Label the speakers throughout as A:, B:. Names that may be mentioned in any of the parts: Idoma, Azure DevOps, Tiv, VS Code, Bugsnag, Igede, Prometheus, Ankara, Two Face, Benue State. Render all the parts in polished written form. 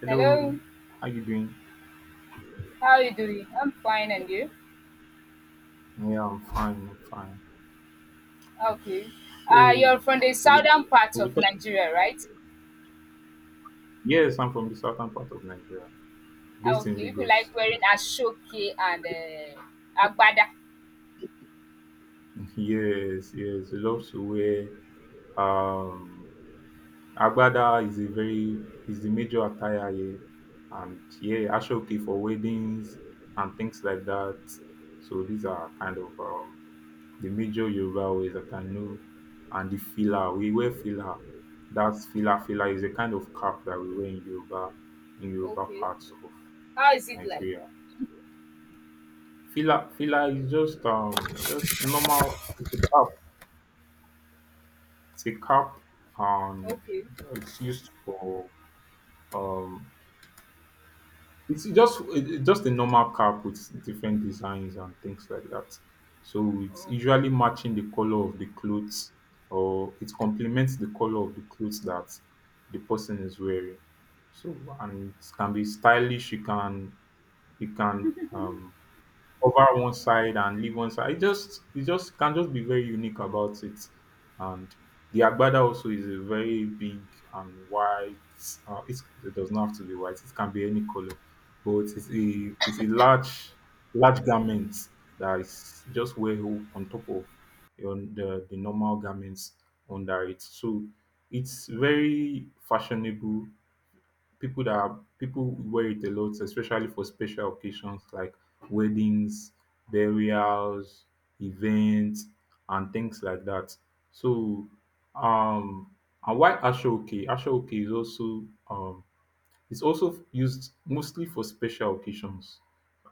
A: Hello,
B: Hello,
A: how you doing?
B: how are you doing? I'm fine, and you?
A: Yeah, I'm fine. I'm fine.
B: Okay.
A: So,
B: You're from the
A: we
B: southern part
A: we
B: of
A: talk-
B: Nigeria, right?
A: yes, I'm from the southern part of Nigeria,
B: Ah,
A: based in
B: okay, you like
A: Lagos
B: wearing
A: currently.
B: ashoke and agbada.
A: Yes, yes, we love to wear. Um, agbada is a very is the major attire here, and yeah, ashoke for weddings and things like that. So these are kind of the major Yoruba words that I know, and the fila. We wear fila. That's fila. Fila is a kind of cap that we wear in Yoruba
B: Okay,
A: parts of
B: how is it like?
A: Nigeria. Fila is just normal, it's a cap. It's a cap, and
B: Okay.
A: it's used for um it's just a normal cap with different designs and things like that. So it's usually matching the color of the clothes, or it complements the color of the clothes that the person is wearing. So and it can be stylish. You can um cover one side and leave one side. It just can just be very unique about it. And the agbada also is a very big and white. It does not have to be white. It can be any color, but it's a large garment that is just on top of on the normal garments under it. So it's very fashionable. People wear it a lot, especially for special occasions like weddings, burials, events, and things like that. So, um, and why ashoke? Ashoke is also um, it's also used mostly for special occasions.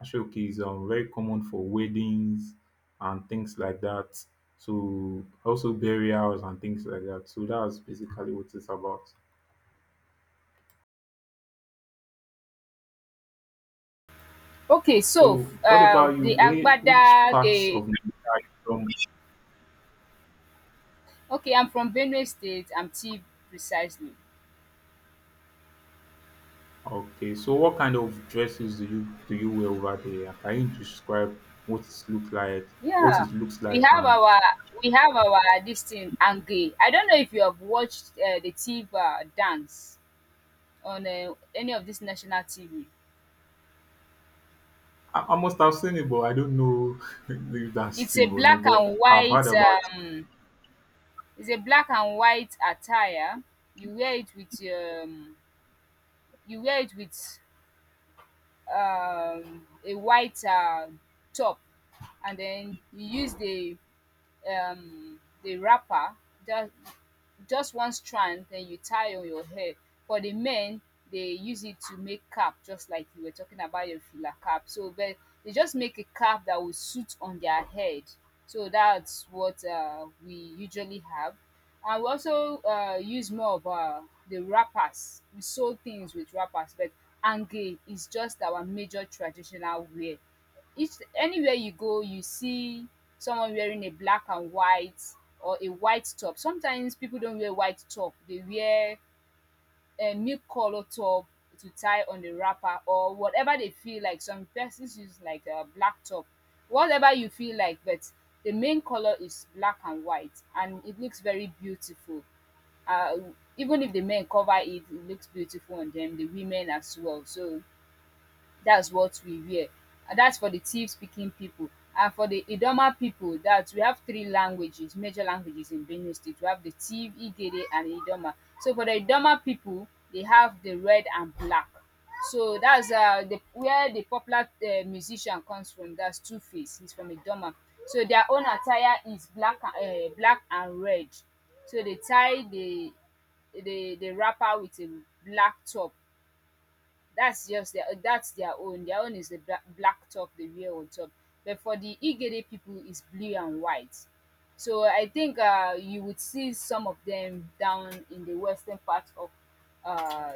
A: Ashoke is very common for weddings and things like that. So also burials and things like that. So that's basically what it's about.
B: Okay, so
A: So, what about you?
B: the
A: Which
B: agbada,
A: parts
B: the
A: of Nigeria are you from?
B: okay, I'm from Benue State. I'm T precisely.
A: Okay, so what kind of dresses do you wear over there? Can you describe what it look like, what
B: Yeah,
A: it looks
B: we
A: like,
B: have
A: and
B: our we have our this thing ange. I don't know if you have watched the Tiv dance on any of this national TV.
A: I must have seen it, but I don't know if that's
B: It's a
A: Steve or no.
B: black
A: But
B: and
A: I've heard
B: white
A: about. It.
B: um, it's a black and white attire. You wear it with you wear it with a white top, and then you use the wrapper, just just one strand, then you tie on your hair. For the men, they use it to make cap just like you were talking about your filler cap. So but they just make a cap that will suit on their head. So that's what we usually have. And we also use more of the wrappers. We sew things with wrappers, but ange is just our major traditional wear. Each anywhere you go, you see someone wearing a black and white or a white top. Sometimes people don't wear white top, they wear a milk color top to tie on the wrapper, or whatever they feel like. Some persons use like a black top, whatever you feel like. But the main color is black and white, and it looks very beautiful. uh, Even if the men cover it, it looks beautiful on them, the women as well. So that's what we wear. And that's for the Tiv speaking people. And for the Idoma people, that we have three languages, major languages in Benue State. We have the Tiv, Igede, and Idoma. So for the Idoma people, they have the red and black. So that's where the popular musician comes from. That's Two Face. He's from Idoma. So their own attire is black, black and red. So they tie the wrapper with a black top. That's their own. Their own is the black, black top they wear on top. But for the igede people is blue and white. So I think you would see some of them down in the western part of uh,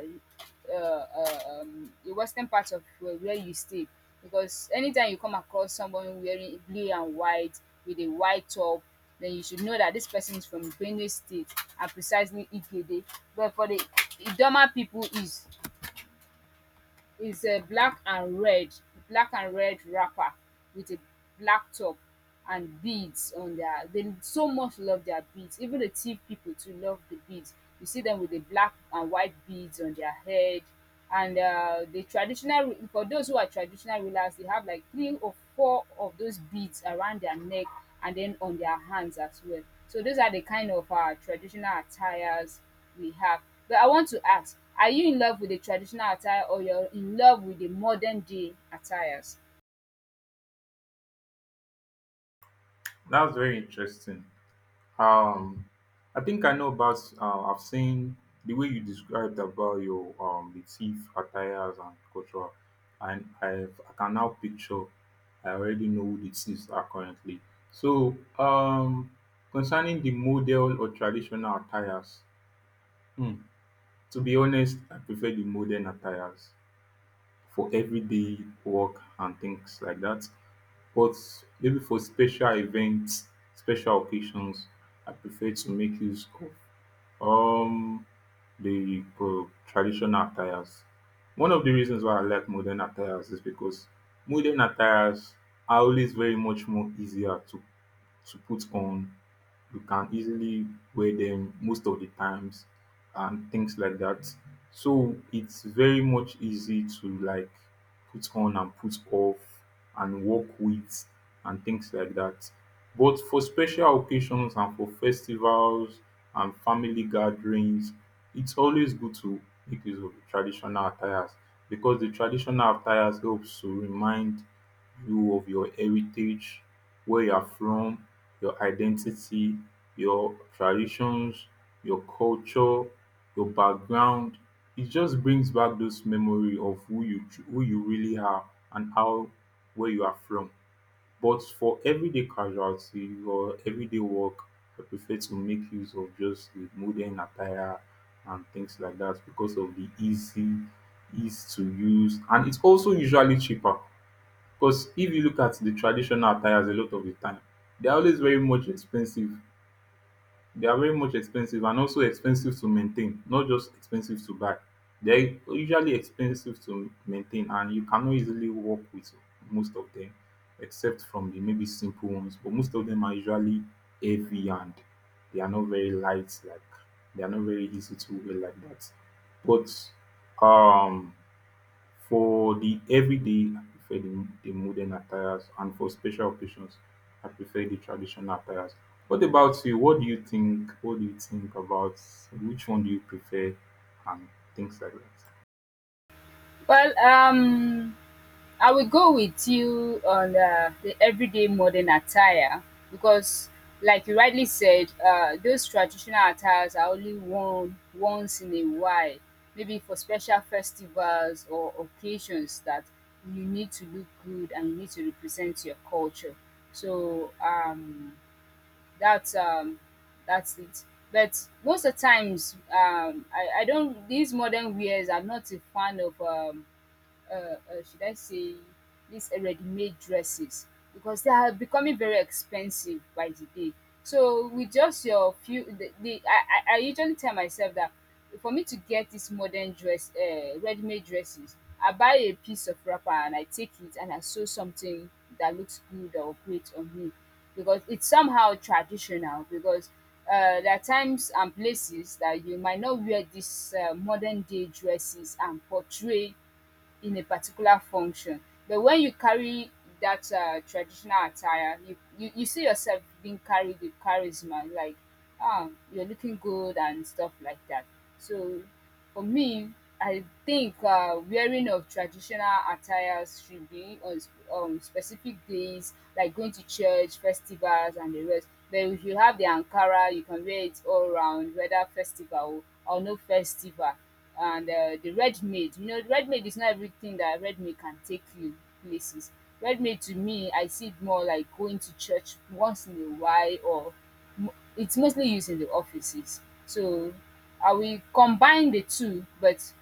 B: the western part of where you stay, because anytime you come across someone wearing blue and white with a white top, then you should know that this person is from Benue State, and precisely Igede. But for the idoma people is it's a black and red, black and red wrapper with a black top, and beads on their they so much love their beads. Even the thief people too love the beads. You see them with the black and white beads on their head. And the traditional for those who are traditional rulers, they have like three or four of those beads around their neck, and then on their hands as well. So those are the kind of traditional attires we have. But I want to ask, are you in love with the traditional attire or you're in love with the modern day attires?
A: That's very interesting. Um, I think I know about. I've seen the way you described about your the thief attires and culture, and I can now picture. I already know who the thieves are currently. So, concerning the model or traditional attires, hmm, to be honest, I prefer the modern attires for everyday work and things like that. But maybe for special events, special occasions, I prefer to make use of the traditional attires. One of the reasons why I like modern attires is because modern attires are always very much more easier to put on. You can easily wear them most of the times and things like that. So it's very much easy to like put on and put off and work with and things like that. But for special occasions and for festivals and family gatherings, it's always good to make use of the traditional attires because the traditional attires helps to remind you of your heritage, where you are from, your identity, your traditions, your culture, your background. It just brings back those memory of who you really are and how where you are from. But for everyday casualty or everyday work, I prefer to make use of just the modern attire and things like that because of the easy ease to use and it's also usually cheaper. Because if you look at the traditional attires a lot of the time, they are always very much expensive. They are very much expensive and also expensive to maintain, not just expensive to buy. They are usually expensive to maintain and you cannot easily work with most of them except from the maybe simple ones. But most of them are usually heavy and they are not very light, like they are not very easy to wear like that. But um for the everyday, I prefer the modern attires, and for special occasions, I prefer the traditional attires. What about you? What do you think? What do you think about which one do you prefer and things like that?
B: Well, I will go with you on the everyday modern attire because, like you rightly said, those traditional attires are only worn once in a while, maybe for special festivals or occasions that you need to look good and you need to represent your culture. So, That's um, that's it. But most of the times, I don't. These modern wears, I'm not a fan of uh, uh, should I say, these ready-made dresses, because they are becoming very expensive by the day. So with just your few, the I usually tell myself that for me to get this modern dress, ready-made dresses, I buy a piece of wrapper and I take it and I sew something that looks good or great on me, because it's somehow traditional, because there are times and places that you might not wear these modern day dresses and portray in a particular function. But when you carry that traditional attire, you see yourself being carried with charisma, like ah, you're looking good and stuff like that. So for me, I think wearing of traditional attires should be on specific days, like going to church, festivals, and the rest. But if you have the Ankara, you can wear it all around, whether festival or no festival. And the red maid, red maid is not everything that red maid can take you places. Red maid to me, I see it more like going to church once in a while, or it's mostly used in the offices. So I will combine the two, but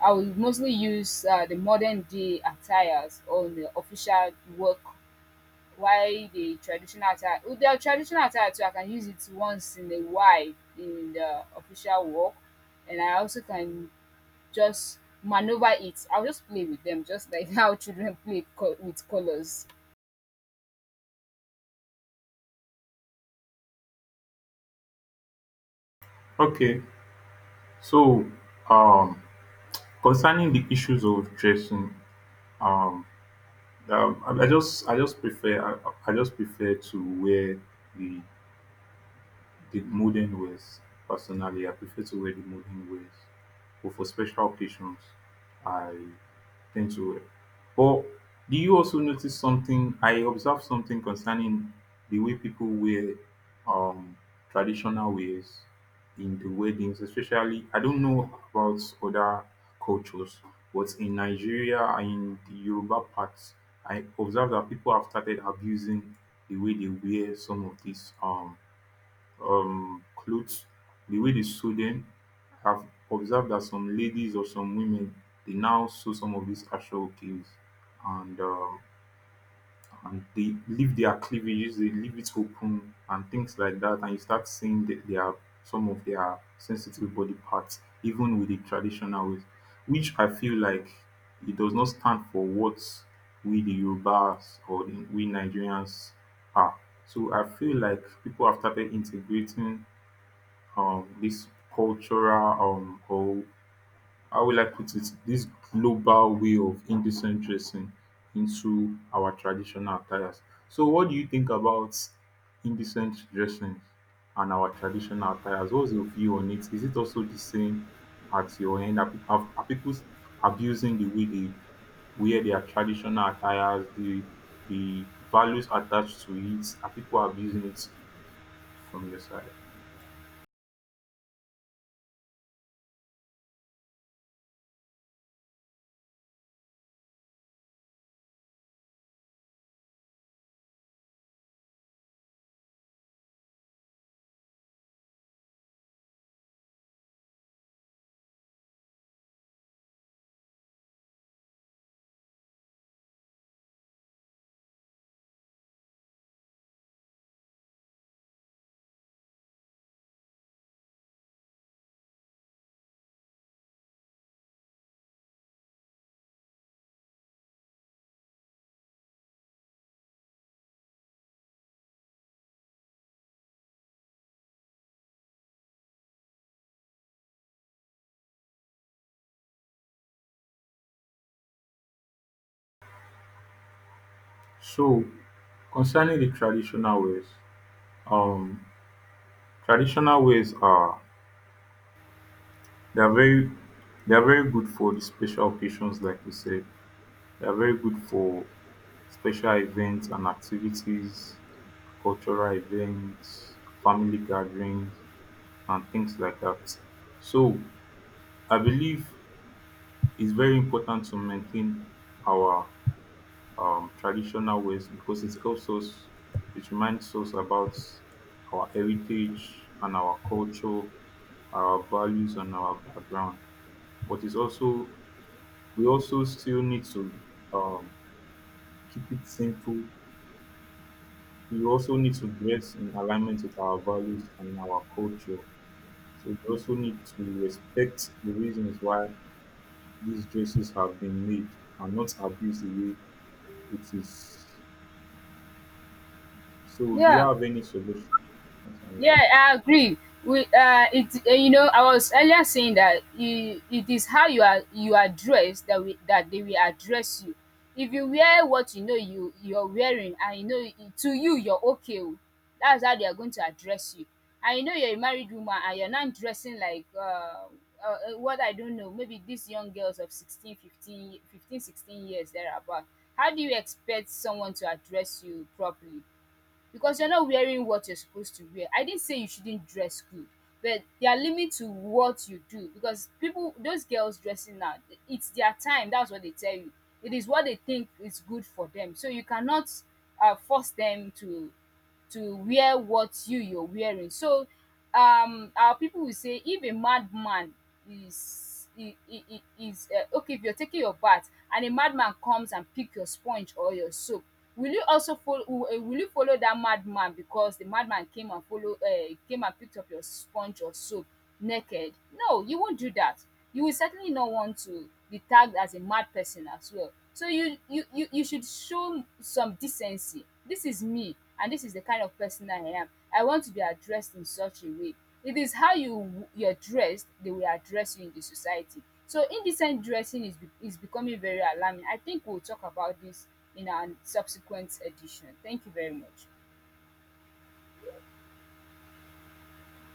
B: I will mostly use the modern day attires on the official work, while the traditional attire with the traditional attire too, I can use it once in a while in the official work. And I also can just maneuver it. I'll just play with them, just like how children play with colors.
A: Okay, so um, concerning the issues of dressing, um, I just prefer to wear the the modern ways. Personally, I prefer to wear the modern ways. But for special occasions, I tend to wear. But do you also notice something? I observed something concerning the way people wear um traditional ways in the weddings, especially. I don't know about other cultures, but in Nigeria and in the Yoruba parts, I observed that people have started abusing the way they wear some of these clothes, the way they sew them. I've observed that some ladies or some women they now sew some of these actual clothes and and they leave their cleavages, they leave it open and things like that, and you start seeing that they are some of their sensitive body parts, even with the traditional ways, which I feel like it does not stand for what we the Yorubas we Nigerians are. So I feel like people have started integrating this cultural or how will I put it, this global way of indecent dressing into our traditional attires. So what do you think about indecent dressing and our traditional attires? What's your view on it? Is it also the same at your end? Are people abusing the way they wear their traditional attires, the values attached to it? Are people abusing it from your side? So concerning the um, traditional ways are they are very they are very good for the special occasions, like you said. They are very good for special events and activities, cultural events, family gatherings, and things like that. So I believe it's very important to maintain our traditional ways because it helps us, it reminds us about our heritage and our culture, our values and our background. But it's also we also still need to um, keep it simple. We also need to dress in alignment with our values and our culture. So we also need to respect the reasons why these dresses have been made and not abuse the way it is. So, do you
B: Yeah.
A: have any solution? That's
B: Yeah,
A: all.
B: I agree. We, it, I was earlier saying that it is how you are dressed that they will address you. If you wear what you know you're wearing, and you know to you're okay, o, that's how they are going to address you. And you know you're a married woman, and you're not dressing like what I don't know, maybe these young girls of 16, 15, 15, 16 15, 15, 16 years thereabout. How do you expect someone to address you properly? Because you're not wearing what you're supposed to wear. I didn't say you shouldn't dress good, but there are limits to what you do, because people, those girls dressing now, it's their time. That's what they tell you. It is what they think is good for them. So you cannot force them to wear what you're wearing. So our people will say, if a madman is I- is okay, if you're taking your bath and a madman comes and pick your sponge or your soap, will you also follow, will you follow that madman because the madman came and picked up your sponge or soap naked? No, you won't do that. You will certainly not want to be tagged as a mad person as well. So you should show some decency. This is me, and this is the kind of person I am. I want to be addressed in such a way. It is how you're dressed they will address you in the society. So indecent dressing is becoming very alarming. I think we'll talk about this in our subsequent edition. Thank you very much.